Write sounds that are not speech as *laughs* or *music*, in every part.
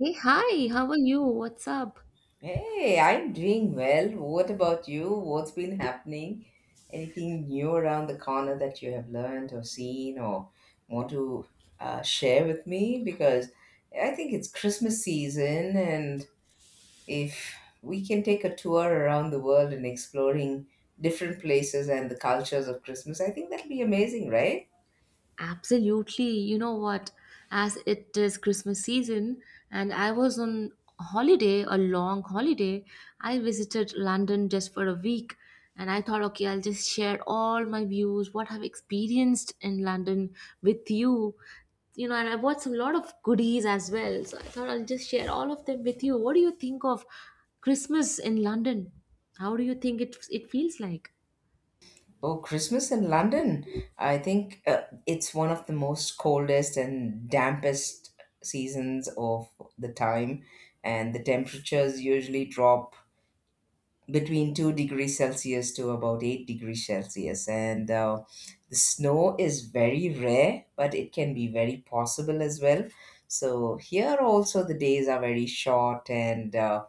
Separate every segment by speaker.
Speaker 1: Hey, hi, how are you? What's up?
Speaker 2: Hey, I'm doing well. What about you? What's been happening? Anything new around the corner that you have learned or seen or want to share with me? Because I think it's Christmas season, and if we can take a tour around the world and exploring different places and the cultures of Christmas, I think that'll be amazing, right?
Speaker 1: Absolutely. You know what? As it is Christmas season and I was on holiday, a long holiday, I visited London just for a week and I thought, okay, I'll just share all my views, what I've experienced in London with you. You know, and I bought some lot of goodies as well. So I thought I'll just share all of them with you. What do you think of Christmas in London? How do you think it feels like?
Speaker 2: Oh, Christmas in London. I think it's one of the most coldest and dampest seasons of the time, and the temperatures usually drop between 2 degrees Celsius to about 8 degrees Celsius. And the snow is very rare, but it can be very possible as well. So, here also the days are very short and uh,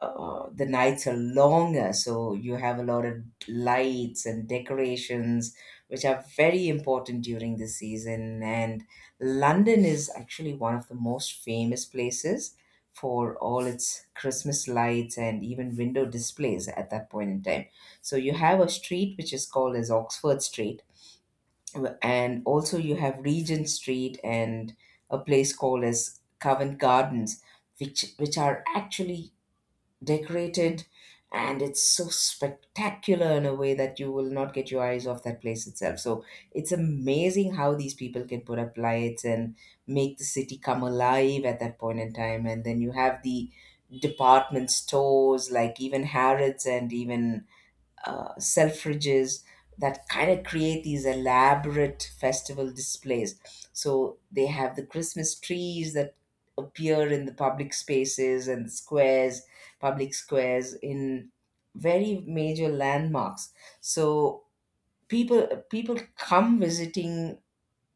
Speaker 2: uh, the nights are longer, so you have a lot of lights and decorations, which are very important during the season. And London is actually one of the most famous places for all its Christmas lights and even window displays at that point in time. So you have a street which is called as Oxford Street, and also you have Regent Street and a place called as Covent Gardens, which are actually decorated, and it's so spectacular in a way that you will not get your eyes off that place itself. So it's amazing how these people can put up lights and make the city come alive at that point in time. And then you have the department stores like even Harrods and even Selfridges that kind of create these elaborate festival displays. So they have the Christmas trees that appear in the public spaces and squares, public squares in very major landmarks. So people come visiting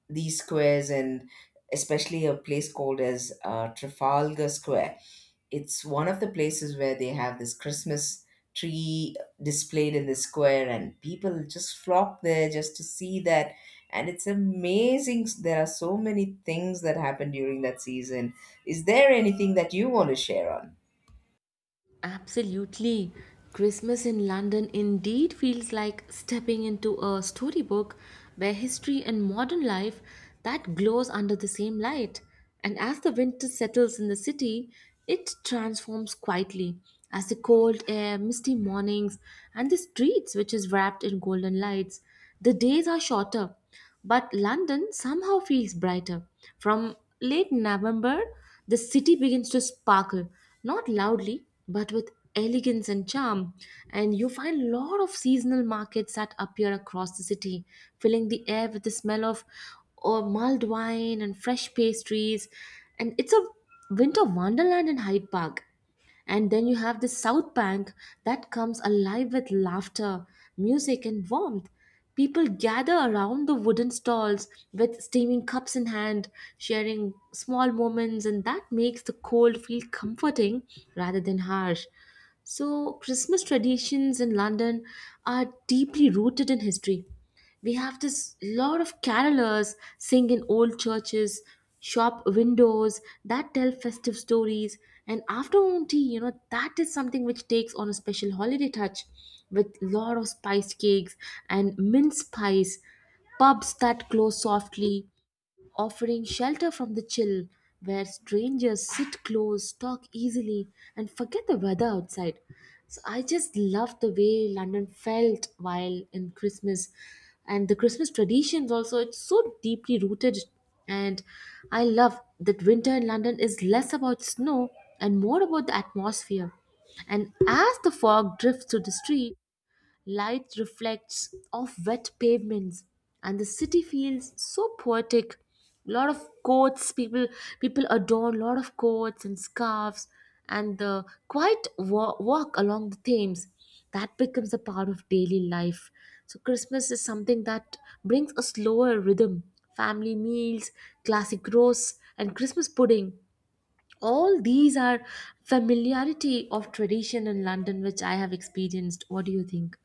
Speaker 2: these squares, and especially a place called as Trafalgar Square. It's one of the places where they have this Christmas tree displayed in the square, and people just flock there just to see that. And it's amazing. There are so many things that happen during that season. Is there anything that you want to share on?
Speaker 1: Absolutely. Christmas in London indeed feels like stepping into a storybook where history and modern life that glows under the same light. And as the winter settles in the city, it transforms quietly as the cold air, misty mornings, and the streets which is wrapped in golden lights. The days are shorter, but London somehow feels brighter. From late November, the city begins to sparkle, not loudly, but with elegance and charm. And you find a lot of seasonal markets that appear across the city, filling the air with the smell of mulled wine and fresh pastries. And it's a winter wonderland in Hyde Park. And then you have the South Bank that comes alive with laughter, music, and warmth. People gather around the wooden stalls with steaming cups in hand, sharing small moments, and that makes the cold feel comforting rather than harsh. So, Christmas traditions in London are deeply rooted in history. We have this lot of carolers sing in old churches, shop windows that tell festive stories, and afternoon tea, you know, that is something which takes on a special holiday touch with lot of spiced cakes and mince pies, pubs that close softly, offering shelter from the chill, where strangers sit close, talk easily, and forget the weather outside. So I just love the way London felt while in Christmas, and the Christmas traditions also. It's so deeply rooted, and I love that winter in London is less about snow and more about the atmosphere. And as the fog drifts through the street, light reflects off wet pavements, and the city feels so poetic. A lot of coats, people adorn a lot of coats and scarves, and the quiet walk along the Thames that becomes a part of daily life. So Christmas is something that brings a slower rhythm. Family meals, classic roasts, and Christmas pudding. All these are familiarity of tradition in London, which I have experienced. What do you think?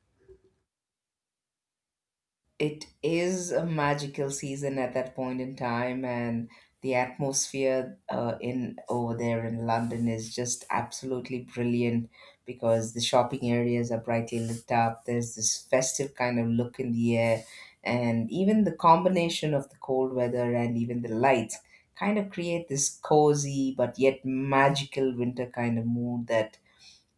Speaker 2: It is a magical season at that point in time, and the atmosphere in over there in London is just absolutely brilliant, because the shopping areas are brightly lit up. There's this festive kind of look in the air, and even the combination of the cold weather and even the lights kind of create this cozy but yet magical winter kind of mood that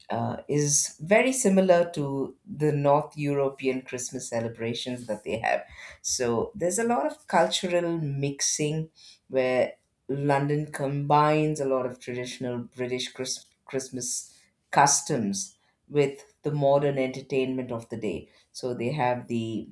Speaker 2: is very similar to the North European Christmas celebrations that they have. So there's a lot of cultural mixing where London combines a lot of traditional British Christmas customs with the modern entertainment of the day. So they have the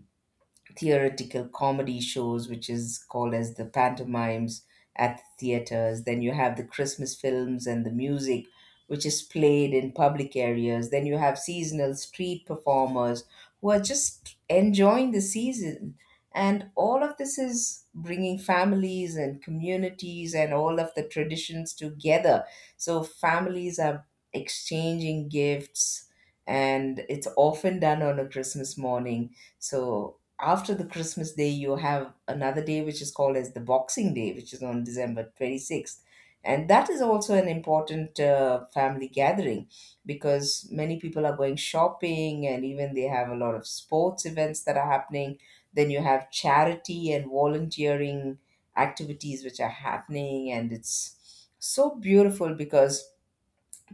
Speaker 2: theoretical comedy shows, which is called as the pantomimes at the theaters. Then you have the Christmas films and the music, which is played in public areas. Then you have seasonal street performers who are just enjoying the season. And all of this is bringing families and communities and all of the traditions together. So families are exchanging gifts, and it's often done on a Christmas morning. So after the Christmas Day, you have another day which is called as the Boxing Day, which is on December 26th. And that is also an important family gathering, because many people are going shopping and even they have a lot of sports events that are happening. Then you have charity and volunteering activities which are happening, and it's so beautiful because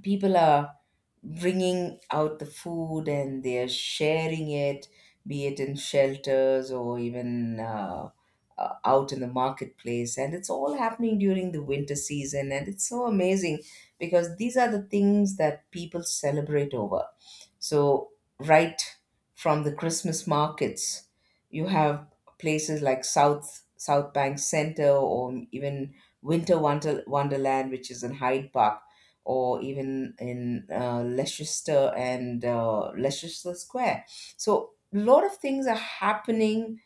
Speaker 2: people are bringing out the food and they're sharing it, be it in shelters or even out in the marketplace. And it's all happening during the winter season. And it's so amazing because these are the things that people celebrate over. So, right from the Christmas markets, you have places like South Bank Center, or even Wonderland, which is in Hyde Park, or even in Leicester and Leicester Square. So, a lot of things are happening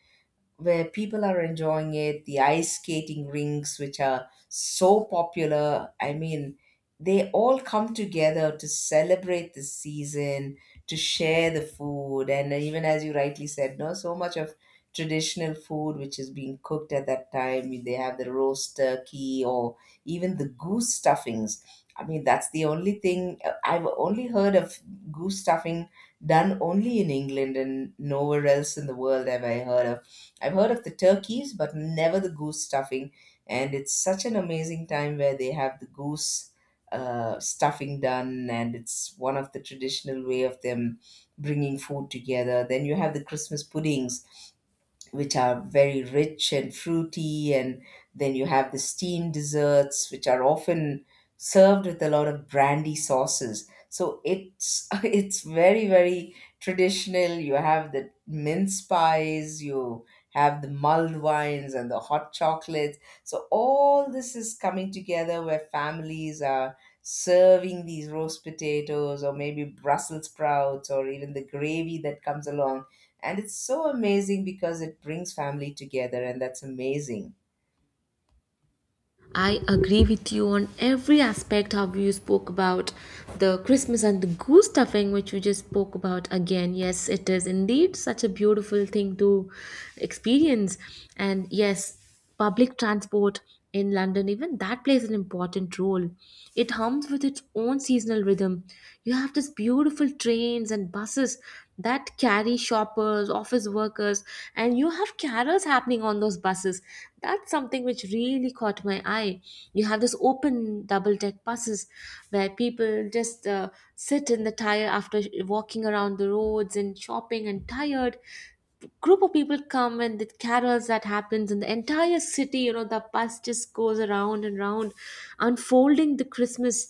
Speaker 2: where people are enjoying it, the ice skating rinks, which are so popular. I mean, they all come together to celebrate the season, to share the food, and even as you rightly said, no, so much of traditional food which is being cooked at that time. They have the roast turkey or even the goose stuffings. I mean, that's the only thing I've only heard of, goose stuffing done only in England, and nowhere else in the world have I heard of. I've heard of the turkeys, but never the goose stuffing. And it's such an amazing time where they have the goose stuffing done, and it's one of the traditional way of them bringing food together. Then you have the Christmas puddings which are very rich and fruity. And then you have the steamed desserts, which are often served with a lot of brandy sauces. So it's *laughs* it's very very traditional. You have the mince pies, you have the mulled wines and the hot chocolates. So all this is coming together where families are serving these roast potatoes or maybe Brussels sprouts or even the gravy that comes along, and it's so amazing because it brings family together, and that's amazing.
Speaker 1: I agree with you on every aspect how you spoke about the Christmas and the goose stuffing which you just spoke about again. Yes, it is indeed such a beautiful thing to experience. And yes, public transport in London, even that plays an important role. It hums with its own seasonal rhythm. You have this beautiful trains and buses that carry shoppers, office workers, and you have carols happening on those buses. That's something which really caught my eye. You have this open double deck buses where people just sit in the tire after walking around the roads and shopping, and tired group of people come, and the carols that happens in the entire city, you know, the bus just goes around and round unfolding the Christmas,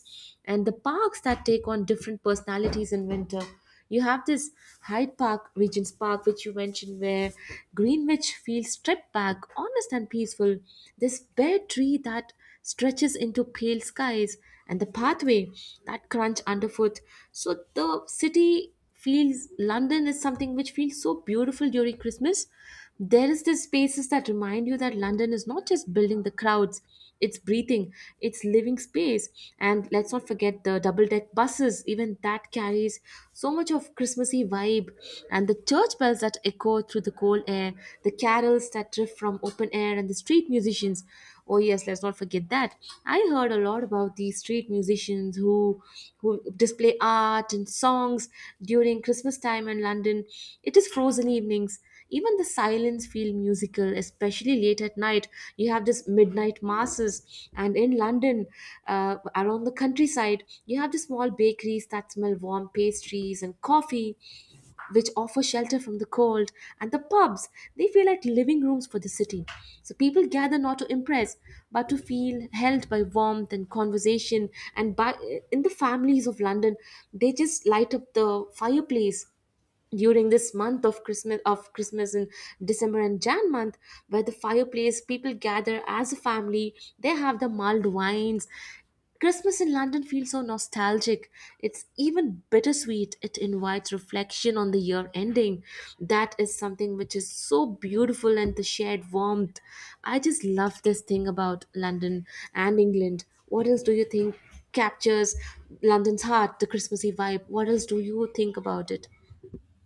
Speaker 1: and the parks that take on different personalities in winter. You have this Hyde Park, Regent's Park, which you mentioned, where Greenwich feels stripped back, honest and peaceful. This bare tree that stretches into pale skies, and the pathway that crunch underfoot. So the city feels, London is something which feels so beautiful during Christmas. There is this spaces that remind you that London is not just building the crowds, it's breathing, it's living space. And let's not forget the double deck buses, even that carries so much of christmassy vibe, and the church bells that echo through the cold air, the carols that drift from open air, and the street musicians. Oh yes, let's not forget that. I heard a lot about these street musicians who display art and songs during Christmas time in London. It is frozen evenings, even the silence feel musical, especially late at night. You have this midnight masses, and in London, around the countryside, you have the small bakeries that smell warm pastries and coffee, which offer shelter from the cold, and the pubs, they feel like living rooms for the city. So people gather not to impress, but to feel held by warmth and conversation. And by, in the families of London, they just light up the fireplace during this month of Christmas in December and Jan month, where the fireplace, people gather as a family, they have the mulled wines. Christmas in London feels so nostalgic, it's even bittersweet, it invites reflection on the year ending. That is something which is so beautiful, and the shared warmth, I just love this thing about London and England. What else do you think captures London's heart, the christmassy vibe, what else do you think about it?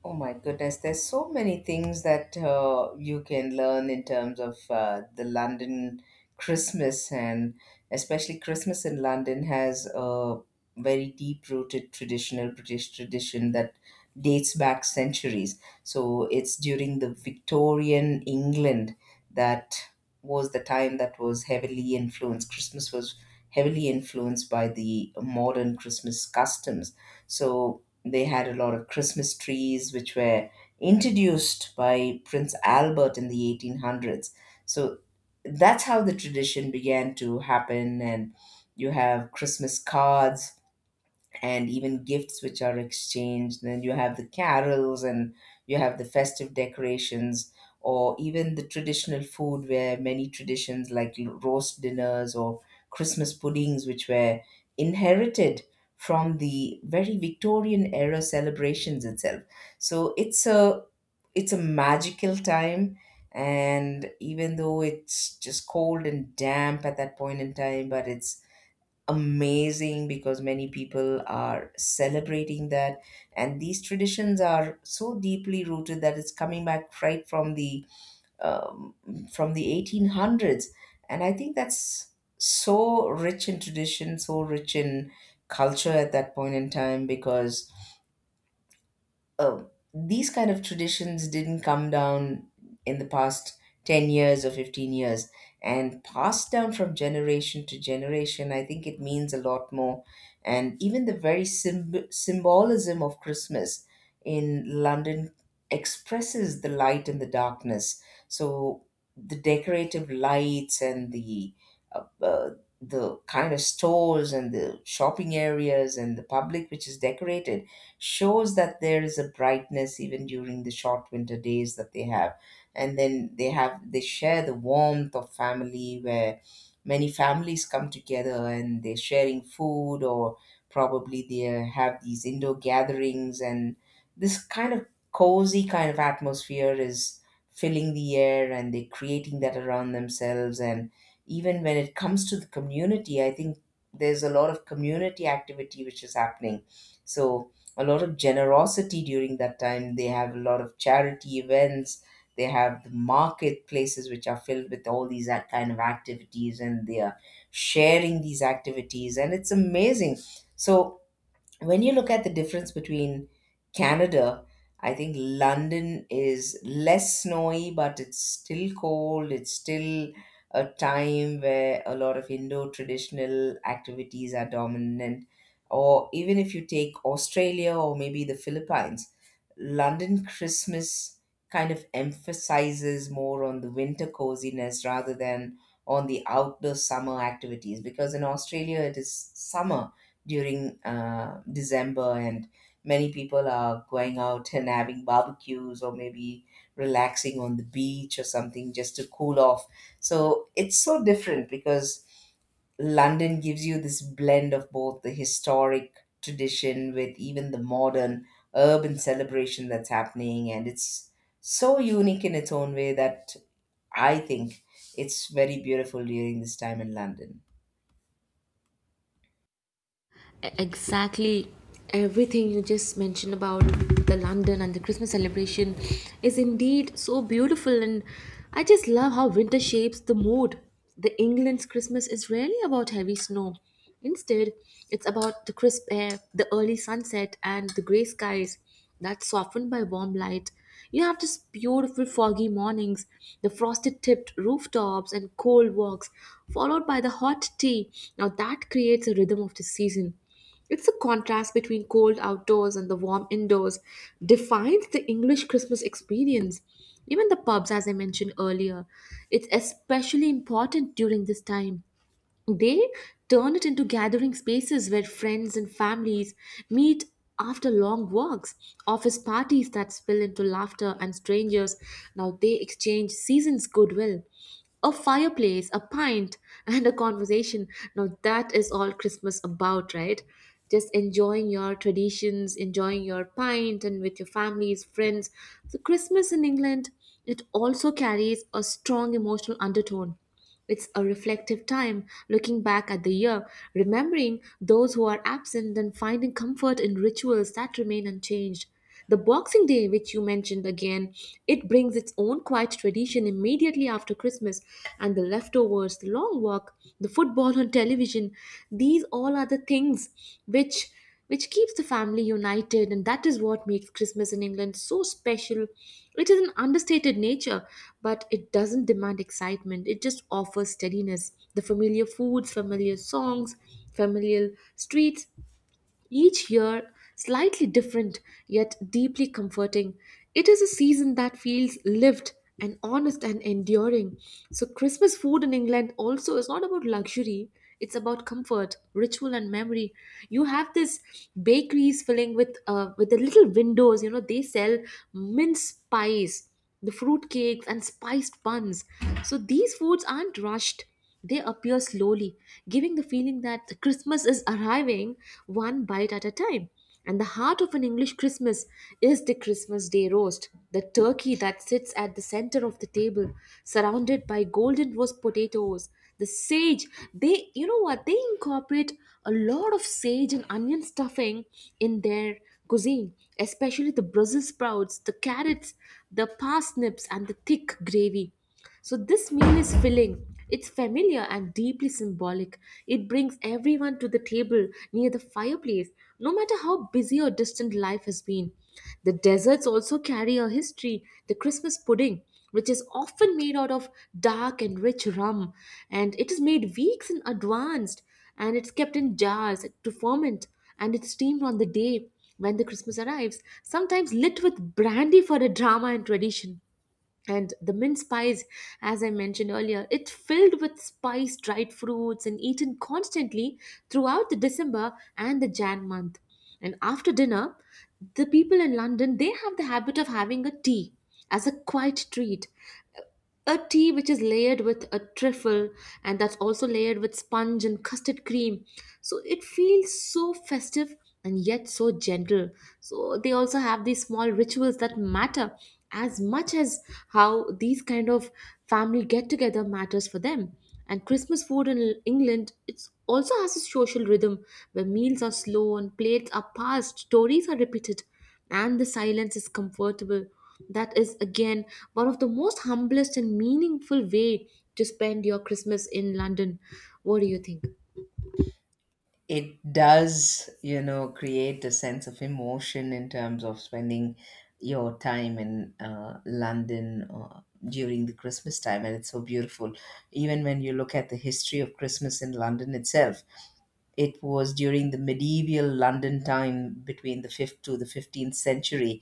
Speaker 2: Oh my goodness, there's so many things that you can learn in terms of the London Christmas, and especially Christmas in London has a very deep rooted traditional British tradition that dates back centuries. So it's during the Victorian England that was the time that was heavily influenced. Christmas was heavily influenced by the modern Christmas customs. So they had a lot of Christmas trees, which were introduced by Prince Albert in the 1800s. So that's how the tradition began to happen. And you have Christmas cards and even gifts which are exchanged. Then you have the carols and you have the festive decorations, or even the traditional food, where many traditions like roast dinners or Christmas puddings, which were inherited from the very Victorian era celebrations itself. So it's a magical time, and even though it's just cold and damp at that point in time, but it's amazing because many people are celebrating that, and these traditions are so deeply rooted that it's coming back right um, from the 1800s, and I think that's so rich in tradition, so rich in culture at that point in time, because uh, these kind of traditions didn't come down in the past 10 years or 15 years, and passed down from generation to generation, I think it means a lot more. And even the very symbolism of Christmas in London expresses the light and the darkness. So the decorative lights and uh, uh, the kind of stores and the shopping areas and the public which is decorated shows that there is a brightness even during the short winter days that they have. And then they have, they share the warmth of family where many families come together and they're sharing food, or probably they have these indoor gatherings, and this kind of cozy kind of atmosphere is filling the air, and they're creating that around themselves. And even when it comes to the community, I think there's a lot of community activity which is happening. So a lot of generosity during that time. They have a lot of charity events. They have the marketplaces which are filled with all these that kind of activities, and they are sharing these activities, and it's amazing. So when you look at the difference between Canada, I think London is less snowy, but it's still cold. It's still a time where a lot of Indo traditional activities are dominant. Or even if you take Australia or maybe the Philippines, London Christmas kind of emphasizes more on the winter coziness rather than on the outdoor summer activities, because in Australia it is summer during December, and many people are going out and having barbecues or maybe relaxing on the beach or something just to cool off. So it's so different because London gives you this blend of both the historic tradition with even the modern urban celebration that's happening. And it's so unique in its own way that I think it's very beautiful during this time in London.
Speaker 1: Exactly, everything you just mentioned about the London and the Christmas celebration is indeed so beautiful, and I just love how winter shapes the mood. The England's Christmas is rarely about heavy snow. Instead, it's about the crisp air, the early sunset, and the gray skies that's softened by warm light. You have these beautiful foggy mornings, the frosted tipped rooftops, and cold walks, followed by the hot tea. Now that creates a rhythm of the season. It's the contrast between cold outdoors and the warm indoors defines the English Christmas experience. Even the pubs, as I mentioned earlier, it's especially important during this time. They turn it into gathering spaces where friends and families meet after long walks, office parties that spill into laughter, and strangers. Now they exchange seasons' goodwill. A fireplace, a pint, *laughs* and a conversation. Now that is all Christmas about, right? Just enjoying your traditions, enjoying your pint, and with your families, friends. So, Christmas in England, it also carries a strong emotional undertone. It's a reflective time, looking back at the year, remembering those who are absent, and finding comfort in rituals that remain unchanged. The Boxing Day, which you mentioned again, it brings its own quiet tradition immediately after Christmas, and the leftovers, the long walk, the football on television, these all are the things which which keeps the family united, and that is what makes Christmas in England so special. It is an understated nature, but it doesn't demand excitement, it just offers steadiness. The familiar foods, familiar songs, familiar streets, each year, slightly different yet deeply comforting. It is a season that feels lived and honest and enduring. So, Christmas food in England also is not about luxury, it's about comfort, ritual, and memory. You have this bakeries filling with the little windows, you know, they sell mince pies, the fruit cakes, and spiced buns. So, these foods aren't rushed, they appear slowly, giving the feeling that Christmas is arriving one bite at a time. And the heart of an English Christmas is the Christmas Day roast, the turkey that sits at the center of the table, surrounded by golden roast potatoes, the sage. They, you know what, they incorporate a lot of sage and onion stuffing in their cuisine, especially the Brussels sprouts, the carrots, the parsnips, and the thick gravy. So this meal is filling. It's familiar and deeply symbolic. It brings everyone to the table near the fireplace, no matter how busy or distant life has been. The desserts also carry a history. The Christmas pudding, which is often made out of dark and rich rum, and it is made weeks in advance, and it's kept in jars to ferment, and it's steamed on the day when the Christmas arrives, sometimes lit with brandy for a drama and tradition. And the mint pies, as I mentioned earlier, it filled with spiced dried fruits and eaten constantly throughout the December and the Jan month. And after dinner, the people in London, they have the habit of having a tea as a quiet treat, a tea which is layered with a trifle, and that's also layered with sponge and custard cream. So it feels so festive and yet so gentle. So they also have these small rituals that matter as much as how these kind of family get together matters for them. And Christmas food in England, it also has a social rhythm where meals are slow and plates are passed, stories are repeated, and the silence is comfortable. That is again one of the most humblest and meaningful way to spend your Christmas in London. What do you think?
Speaker 2: It does, you know, create a sense of emotion in terms of spending your time in London during the Christmas time. And it's so beautiful. Even when you look at the history of Christmas in London itself, it was during the medieval London time between the 5th to the 15th century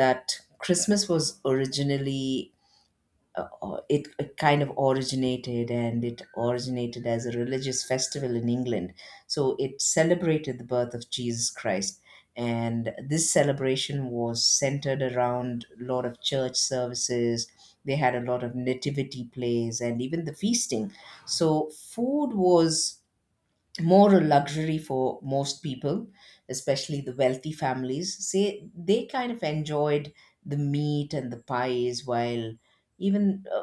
Speaker 2: that Christmas was originally it kind of originated, and it originated as a religious festival in England. So it celebrated the birth of Jesus Christ. And this celebration was centered around a lot of church services. They had a lot of nativity plays and even the feasting. So food was more a luxury for most people, especially the wealthy families. Say they kind of enjoyed the meat and the pies, while even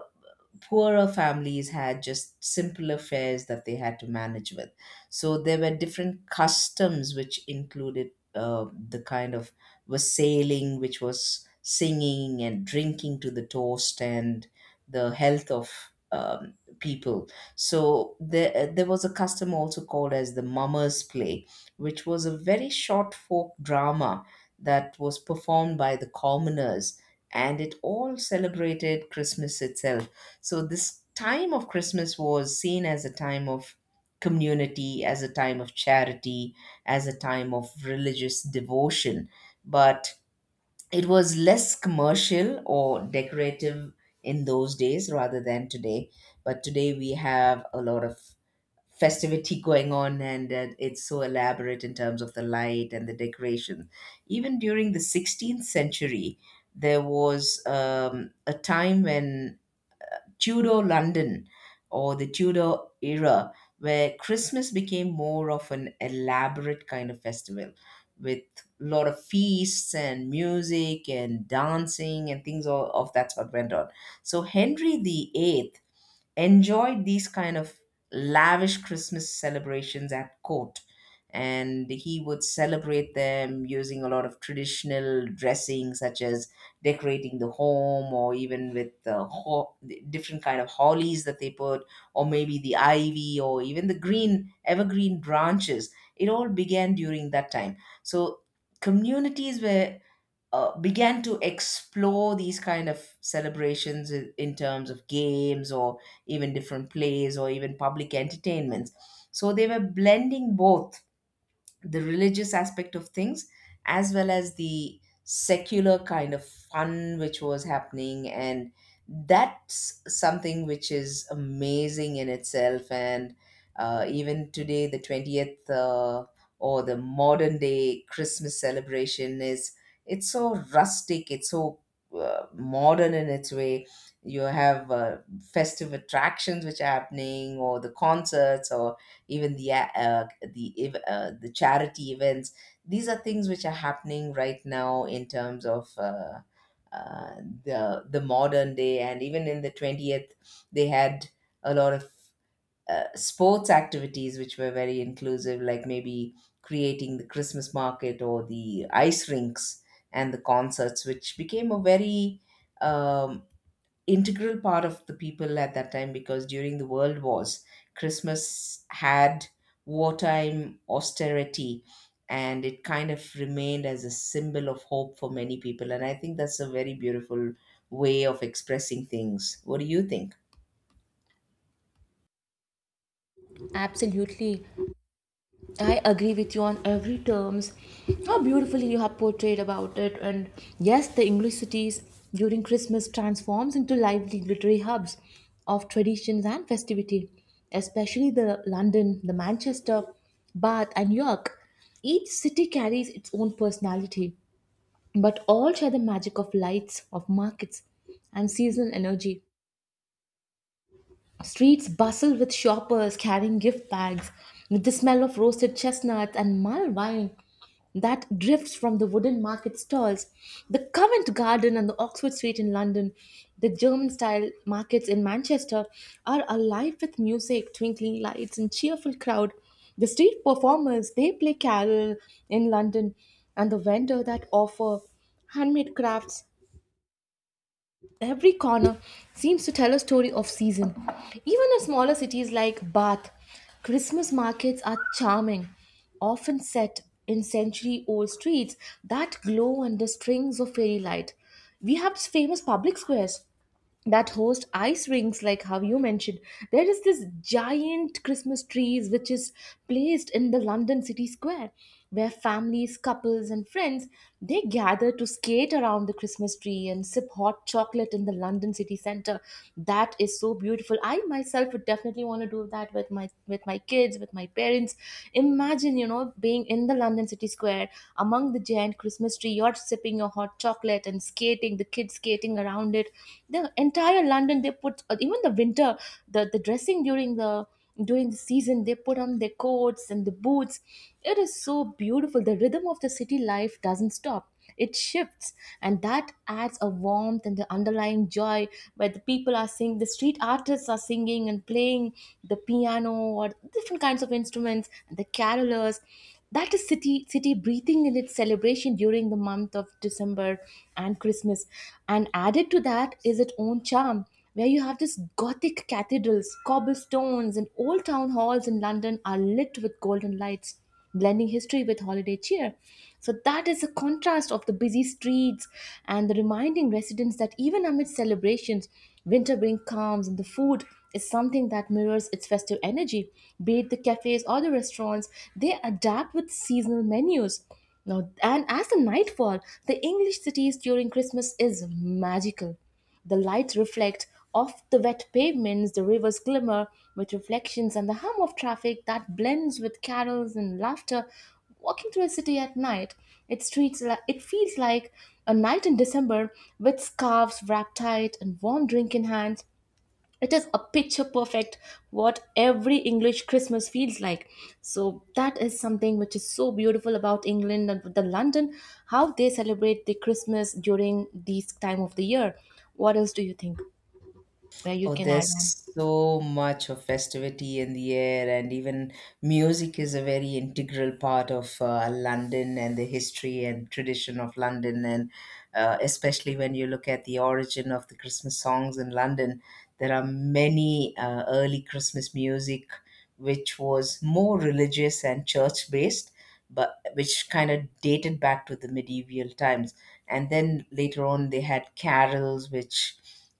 Speaker 2: poorer families had just simpler fares that they had to manage with. So there were different customs which included the kind of wassailing, which was singing and drinking to the toast and the health of um, people. So there was a custom also called as the mummer's play, which was a very short folk drama that was performed by the commoners, and it all celebrated Christmas itself. So this time of Christmas was seen as a time of community, as a time of charity, as a time of religious devotion, but it was less commercial or decorative in those days rather than today. But today we have a lot of festivity *laughs* going on, and it's so elaborate in terms of the light and the decoration. Even during the 16th century, there was a time when Tudor London, or the Tudor era, where Christmas became more of an elaborate kind of festival with a lot of feasts and music and dancing and things of that sort went on. So Henry the Eighth enjoyed these kind of lavish Christmas celebrations at court. And he would celebrate them using a lot of traditional dressing, such as decorating the home, or even with the different kind of hollies that they put, or maybe the ivy, or even the green evergreen branches. It all began during that time. So communities were began to explore these kind of celebrations in terms of games or even different plays or even public entertainments. So they were blending both the religious aspect of things as well as the secular kind of fun which was happening, and that's something which is amazing in itself. And even today, the 20th uh, or the modern day Christmas celebration is, it's so rustic, it's so modern in its way. You have festive attractions which are happening, or the concerts, or even the the charity events. These are things which are happening right now in terms of uh, the modern day. And even in the 20th, they had a lot of sports activities which were very inclusive, like maybe creating the Christmas market or the ice rinks and the concerts, which became a very um, integral part of the people at that time. Because during the world wars, Christmas had wartime austerity, and it kind of remained as a symbol of hope for many people, and I think that's a very beautiful way of expressing things. What do you think?
Speaker 1: Absolutely. I agree with you on every terms. How beautifully you have portrayed about it. And yes, the English cities during Christmas transforms into lively literary hubs of traditions and festivity, especially the London, the Manchester, Bath and York. Each city carries its own personality, but all share the magic of lights, of markets, and seasonal energy. Streets bustle with shoppers carrying gift bags, with the smell of roasted chestnuts and mulled wine that drifts from the wooden market stalls. The Covent Garden and the Oxford Street in London, the German style markets in Manchester are alive with music, twinkling lights, and cheerful crowd. The street performers they play carol in London, and the vendor that offer handmade crafts. Every corner seems to tell a story of season. Even in smaller cities like Bath, Christmas markets are charming, often set in century old streets that glow under strings of fairy light. We have famous public squares that host ice rinks. Like how you mentioned, there is this giant Christmas trees which is placed in the London city square, where families, couples, and friends, they gather to skate around the Christmas tree and sip hot chocolate in the London city center. That is so beautiful. I myself would definitely want to do that with my kids, with my parents. Imagine being in the London city square, among the giant Christmas tree. You're sipping your hot chocolate and skating, the kids skating around it. The entire London, they put even the winter, the dressing during the season they put on their coats and the boots. It is so beautiful. The rhythm of the city life doesn't stop, it shifts, and that adds a warmth and the underlying joy, where the people are singing, the street artists are singing and playing the piano or different kinds of instruments and the carolers. That is city breathing in its celebration during the month of December and Christmas. And added to that is its own charm, where you have this gothic cathedrals, cobblestones, and old town halls in London are lit with golden lights, blending history with holiday cheer. So that is a contrast of the busy streets and the reminding residents that even amid celebrations, winter brings calms. And the food is something that mirrors its festive energy. Be it the cafes or the restaurants, they adapt with seasonal menus. Now, and as the night fall, the English cities during Christmas is magical. The lights reflect off the wet pavements, the rivers glimmer with reflections, and the hum of traffic that blends with carols and laughter. Walking through a city at night, it feels like a night in December, with scarves wrapped tight and warm drink in hands. It is a picture perfect what every English Christmas feels like. So that is something which is so beautiful about England and the London, how they celebrate the Christmas during this time of the year. What else do you think? Where you
Speaker 2: Oh,
Speaker 1: can add on?
Speaker 2: there's so much of festivity in the air, and even music is a very integral part of London and the history and tradition of London. And especially when you look at the origin of the Christmas songs in London, there are many early Christmas music which was more religious and church based, but which kind of dated back to the medieval times. And then later on, they had carols, which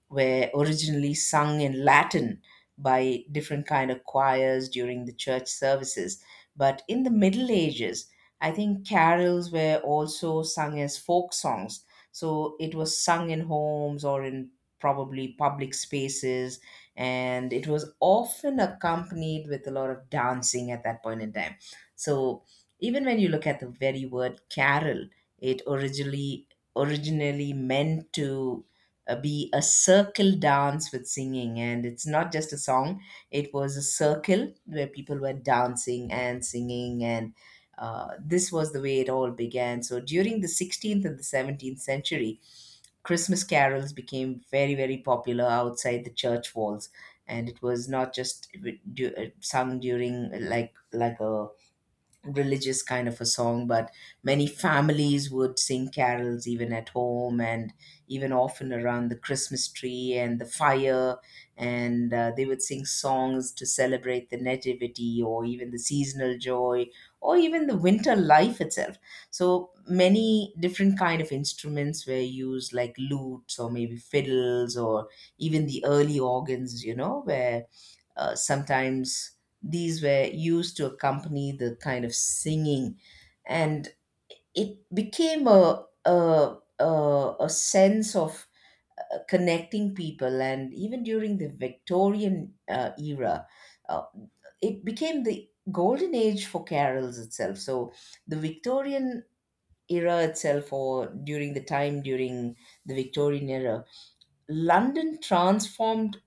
Speaker 2: were originally sung in Latin by different kind of choirs during the church services. But in the Middle Ages, I think carols were also sung as folk songs. So it was sung in homes or in probably public spaces, and it was often accompanied with a lot of dancing at that point in time. So even when you look at the very word carol, it originally meant to be a circle dance with singing, and it's not just a song. It was a circle where people were dancing and singing. And this was the way it all began. So during the 16th and the 17th century, Christmas carols became very popular outside the church walls. And it was not just sung during like a religious kind of a song, but many families would sing carols even at home, and even often around the Christmas tree and the fire. And they would sing songs to celebrate the nativity or even the seasonal joy or even the winter life itself. So many different kind of instruments were used, like lutes or maybe fiddles or even the early organs, you know, where sometimes these were used to accompany the kind of singing, and it became a sense of connecting people. And even during the Victorian era, uh, it became the golden age for carols itself. So the Victorian era itself, or during the time during the Victorian era, London transformed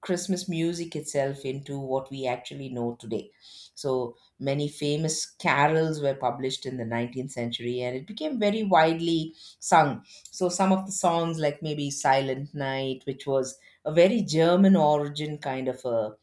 Speaker 2: Christmas music itself into what we actually know today. So many famous carols were published in the 19th century, and it became very widely sung. So some of the songs, like maybe Silent Night, which was a very German origin kind of a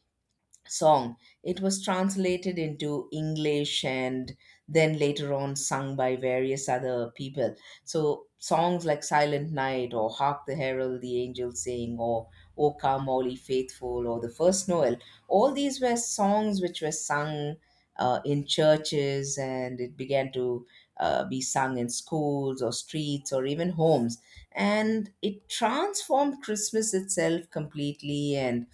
Speaker 2: song. It was translated into English and then later on sung by various other people. So songs like Silent Night or Hark the Herald the Angels Sing or O Come All Ye Faithful or The First Noel, all these were songs which were sung in churches, and it began to be sung in schools or streets or even homes. And it transformed Christmas itself completely. And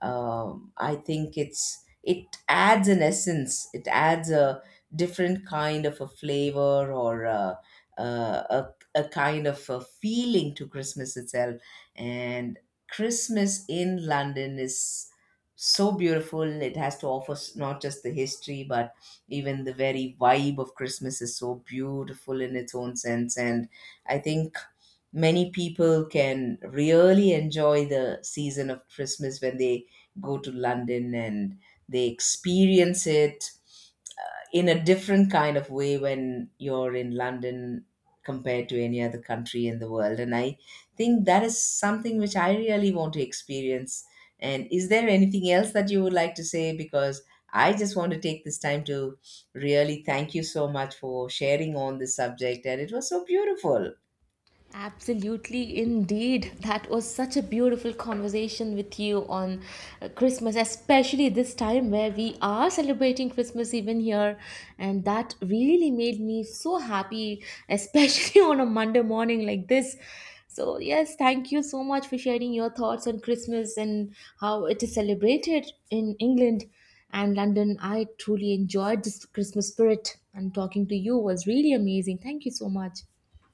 Speaker 2: I think it's, it adds an essence, it adds a different kind of a flavor, or a kind of a feeling to Christmas itself. And Christmas in London is so beautiful. It has to offer, not just the history, but even the very vibe of Christmas is so beautiful in its own sense. And I think many people can really enjoy the season of Christmas when they go to London and they experience it in a different kind of way when you're in London, compared to any other country in the world. And I think that is something which I really want to experience. And is there anything else that you would like to say? Because I just want to take this time to really thank you so much for sharing on this subject. And it was so beautiful.
Speaker 1: Absolutely, indeed. That was such a beautiful conversation with you on Christmas, especially this time where we are celebrating Christmas even here. And that really made me so happy, especially *laughs* on a Monday morning like this. So, yes, thank you so much for sharing your thoughts on Christmas and how it is celebrated in England and London. I truly enjoyed this Christmas spirit, and talking to you was really amazing. Thank you so much.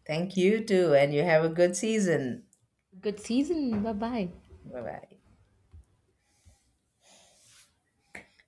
Speaker 2: Thank you too. And you have a good season.
Speaker 1: Good season. Bye bye.
Speaker 2: Bye bye.